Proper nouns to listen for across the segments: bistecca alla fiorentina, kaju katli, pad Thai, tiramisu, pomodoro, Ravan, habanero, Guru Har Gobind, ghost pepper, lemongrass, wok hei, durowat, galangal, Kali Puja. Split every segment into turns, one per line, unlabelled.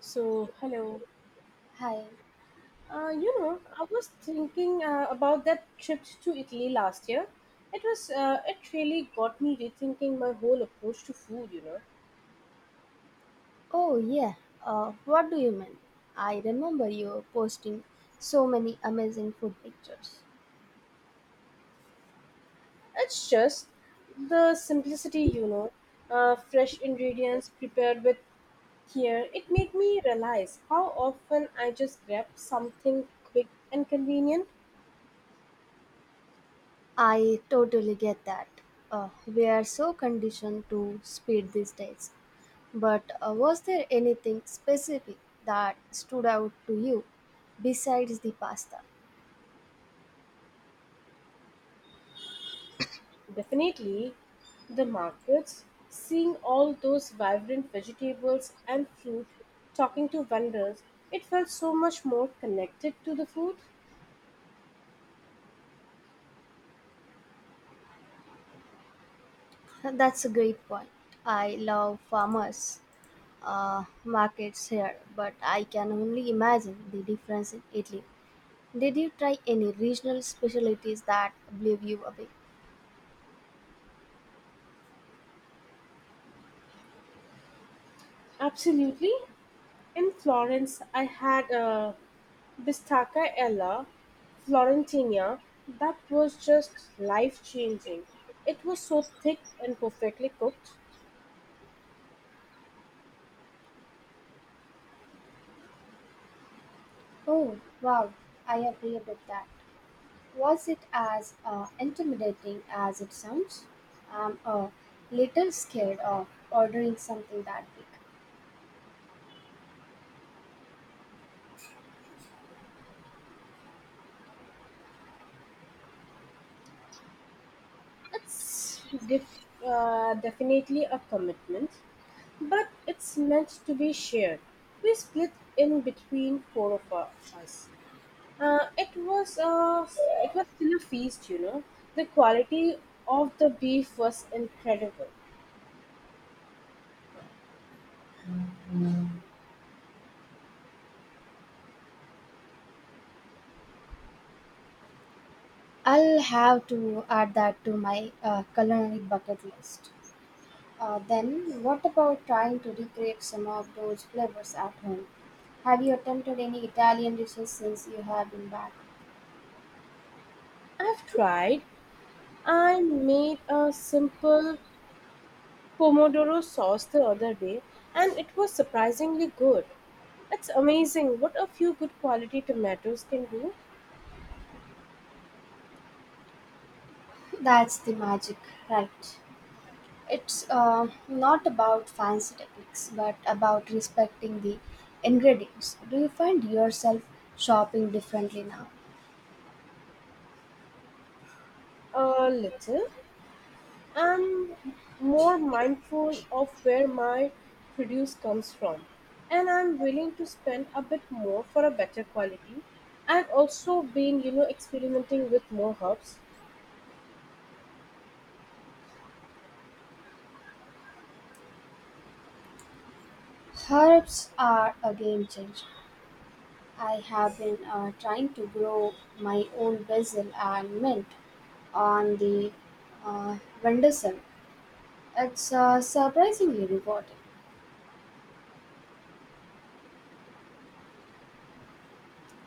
So, hello.
Hi.
I was thinking about that trip to Italy last year. It really got me rethinking my whole approach to food.
Oh, yeah. What do you mean? I remember you posting so many amazing food pictures.
It's just the simplicity, fresh ingredients prepared with care. It made me realize how often I just grab something quick and convenient.
I totally get that. We are so conditioned to speed these days. But was there anything specific that stood out to you besides the pasta?
Definitely, the markets, seeing all those vibrant vegetables and fruit, talking to vendors, it felt so much more connected to the food.
That's a great point. I love farmers' markets here, but I can only imagine the difference in Italy. Did you try any regional specialties that blew you away?
Absolutely. In Florence, I had a bistacca ella florentina that was just life changing. It was so thick and perfectly cooked.
Oh, wow, I agree about that. Was it as intimidating as it sounds? I'm a little scared of ordering something that big.
It's definitely a commitment, but it's meant to be shared. We split in between four of us. Uh, it was uh, it was still a feast. The quality of the beef was incredible.
I'll have to add that to my culinary bucket list. Then, what about trying to recreate some of those flavors at home? Have you attempted any Italian dishes since you have been back?
I've tried. I made a simple pomodoro sauce the other day, and it was surprisingly good. It's amazing what a few good quality tomatoes can do.
That's the magic, right? It's not about fancy techniques, but about respecting the ingredients. Do you find yourself shopping differently now?
A little I'm more mindful of where my produce comes from, and I'm willing to spend a bit more for a better quality. I've also been experimenting with more herbs.
Herbs are a game changer. I have been trying to grow my own basil and mint on the uh, windowsill. It's surprisingly rewarding.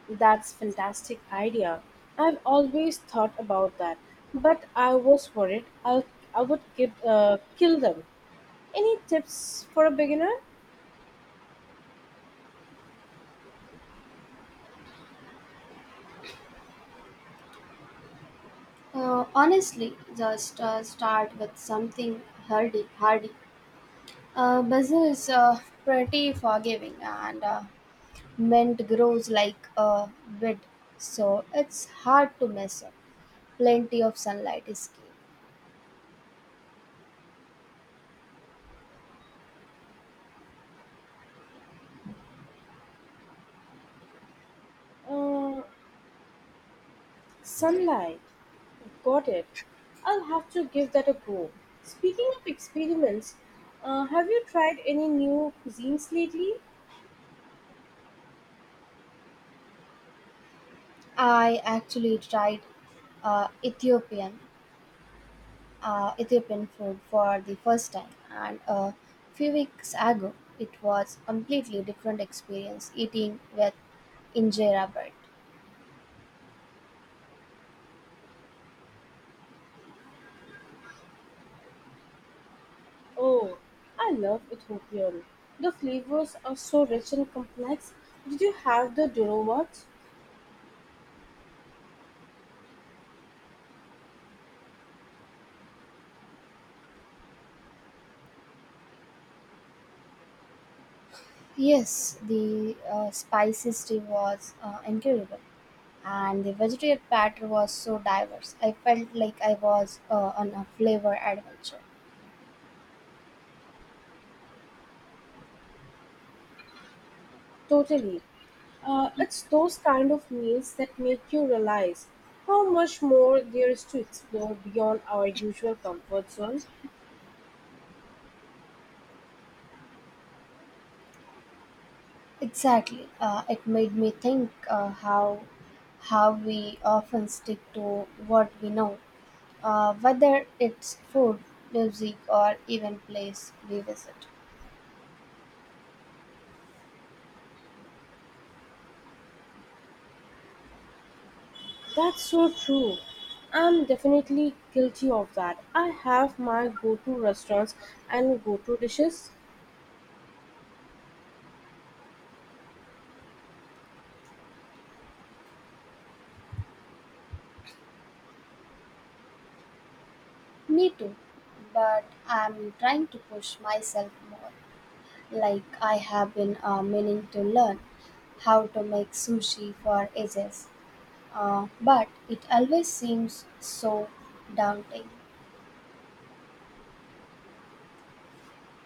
That's fantastic idea. I've always thought about that, but I was worried I would give kill them. Any tips for a beginner?
Honestly, just start with something hardy. Basil is pretty forgiving and mint grows like a weed, so it's hard to mess up. Plenty of sunlight is key.
Uh, Sunlight. Got it. I'll have to give that a go. Speaking of experiments, have you tried any new cuisines lately?
I actually tried uh, Ethiopian uh, Ethiopian food for the first time, and a few weeks ago, it was completely different experience eating with injera bread.
Oh, I love Ethiopian. The flavors are so rich and complex. Did you have the durowat?
Yes, the spicy stew was incredible. And the vegetarian platter was so diverse. I felt like I was on a flavor adventure.
Totally. It's those kind of meals that make you realize how much more there is to explore beyond our usual comfort zone.
Exactly, it made me think how we often stick to what we know, whether it's food, music, or even place we visit.
That's so true. I'm definitely guilty of that. I have my go to restaurants and go to dishes.
Me too, but I'm trying to push myself more. Like I have been meaning to learn how to make sushi for ages. But it always seems so daunting.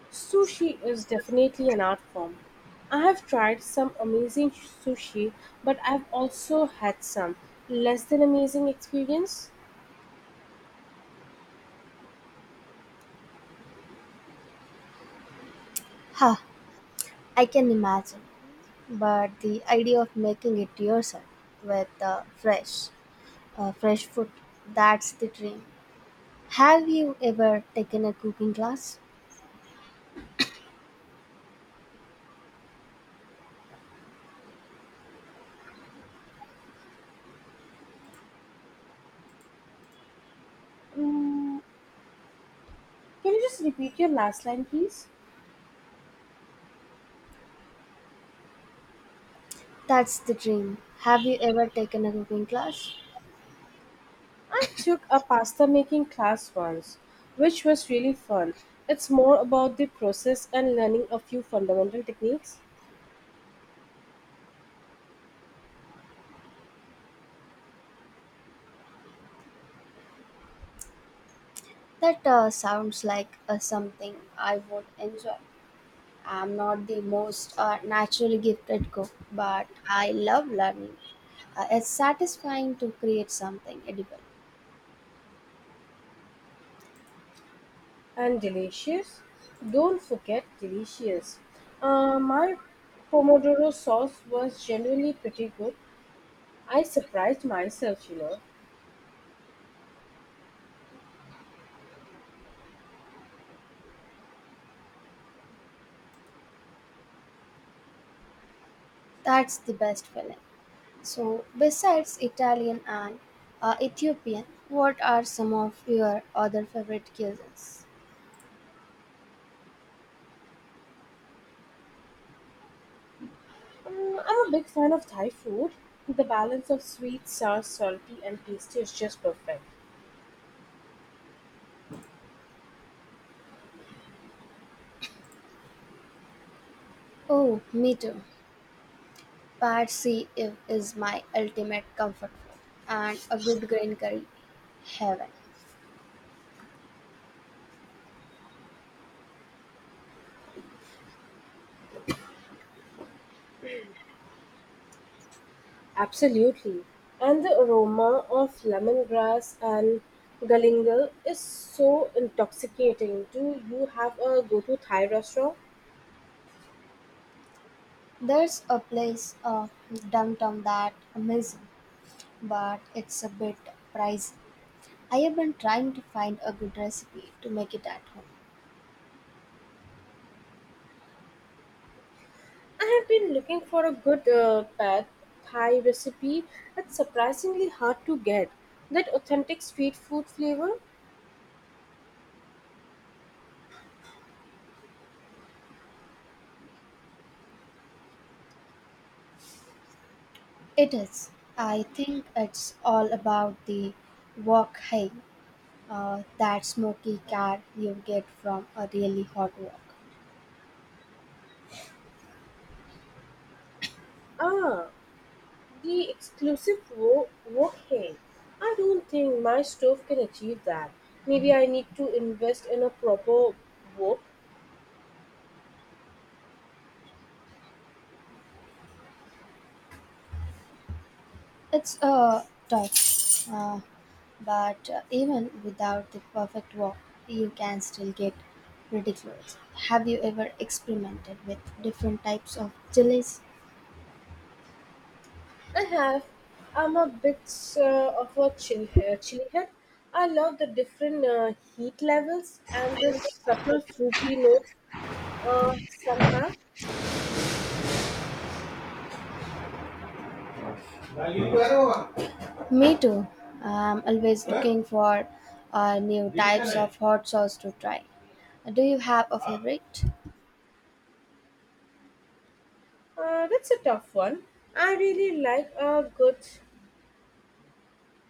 Sushi is definitely an art form. I have tried some amazing sushi, but I've also had some less than amazing experience.
Huh, I can imagine. But the idea of making it yourself with fresh food, that's the dream. Have you ever taken a cooking class?
Mm, can you just repeat your last line, please?
That's the dream. Have you ever taken a cooking class?
I took a pasta making class once, which was really fun. It's more about the process and learning a few fundamental techniques.
That sounds like something I would enjoy. I'm not the most naturally gifted cook, but I love learning. It's satisfying to create something edible.
And delicious? Don't forget delicious. My Pomodoro sauce was genuinely pretty good. I surprised myself.
That's the best feeling. So, besides Italian and Ethiopian, what are some of your other favorite cuisines?
I'm a big fan of Thai food. The balance of sweet, sour, salty, and tasty is just perfect.
Oh, me too. Patsy if is my ultimate comfort food, and a good green curry, heaven.
Absolutely. And the aroma of lemongrass and galingal is so intoxicating. Do you have a go to Thai restaurant?
There's a place downtown that amazing. But it's a bit pricey. I have been trying to find a good recipe to make it at home.
I have been looking for a good pad Thai recipe. It's surprisingly hard to get. That authentic street food flavor?
It is. I think it's all about the wok hai, that smoky car you get from a really hot wok.
Ah, the exclusive wok hang. I don't think my stove can achieve that. Maybe I need to invest in a proper wok.
It's a tough, but even without the perfect wok, you can still get pretty close. Have you ever experimented with different types of chilies?
I have. I'm a bit of a chili head. I love the different heat levels and the subtle fruity notes somehow.
Me too. I'm always looking for new types of hot sauce to try. Do you have a favorite?
That's a tough one. I really like a good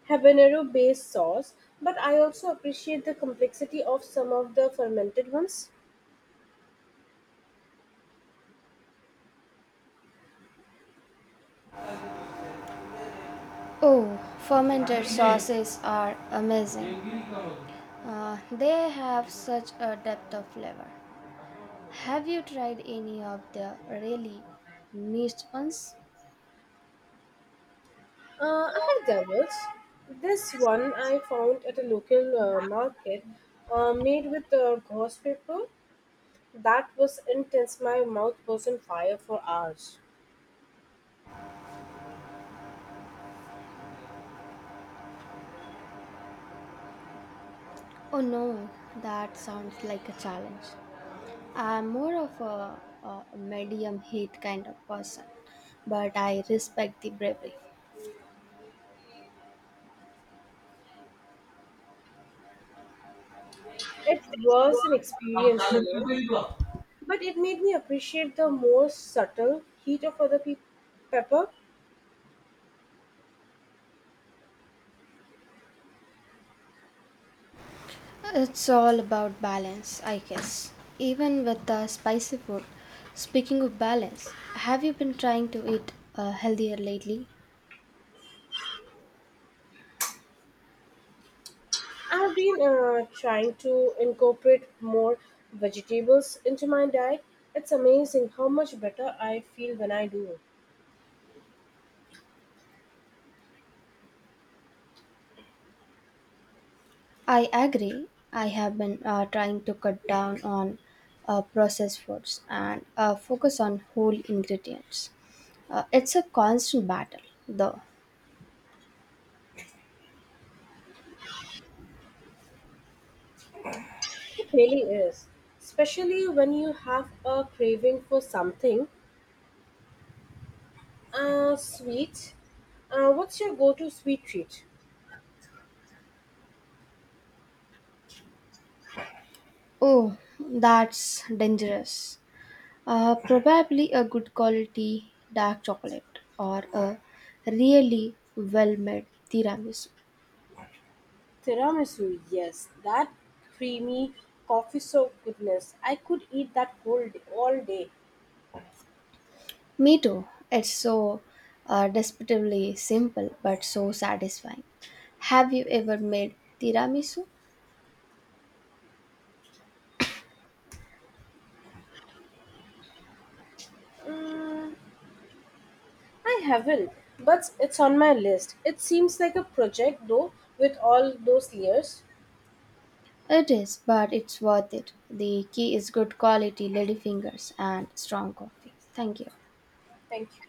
habanero based sauce, but I also appreciate the complexity of some of the fermented ones.
Oh, fermented sauces are amazing. They have such a depth of flavor. Have you tried any of the really niche ones?
I have doubles. This one I found at a local market made with ghost pepper. That was intense. My mouth was on fire for hours.
Oh no, that sounds like a challenge. I'm more of a medium heat kind of person, but I respect the bravery.
It was an experience, but it made me appreciate the more subtle heat of pepper.
It's all about balance, I guess. Even with the spicy food. Speaking of balance, have you been trying to eat healthier lately?
I've been trying to incorporate more vegetables into my diet. It's amazing how much better I feel when I do.
I agree. I have been trying to cut down on processed foods and focus on whole ingredients. It's a constant battle, though.
It really is, especially when you have a craving for something sweet. What's your go-to sweet treat?
Oh, that's dangerous. Probably a good quality dark chocolate or a really well made tiramisu.
Tiramisu, yes, that creamy coffee soaked goodness. I could eat that whole day, all day.
Me too. It's so desperately simple but so satisfying. Have you ever made tiramisu?
Mm, I haven't, but it's on my list. It seems like a project though, with all those layers.
It is, but it's worth it. The key is good quality lady fingers and strong coffee. Thank you.
Thank you.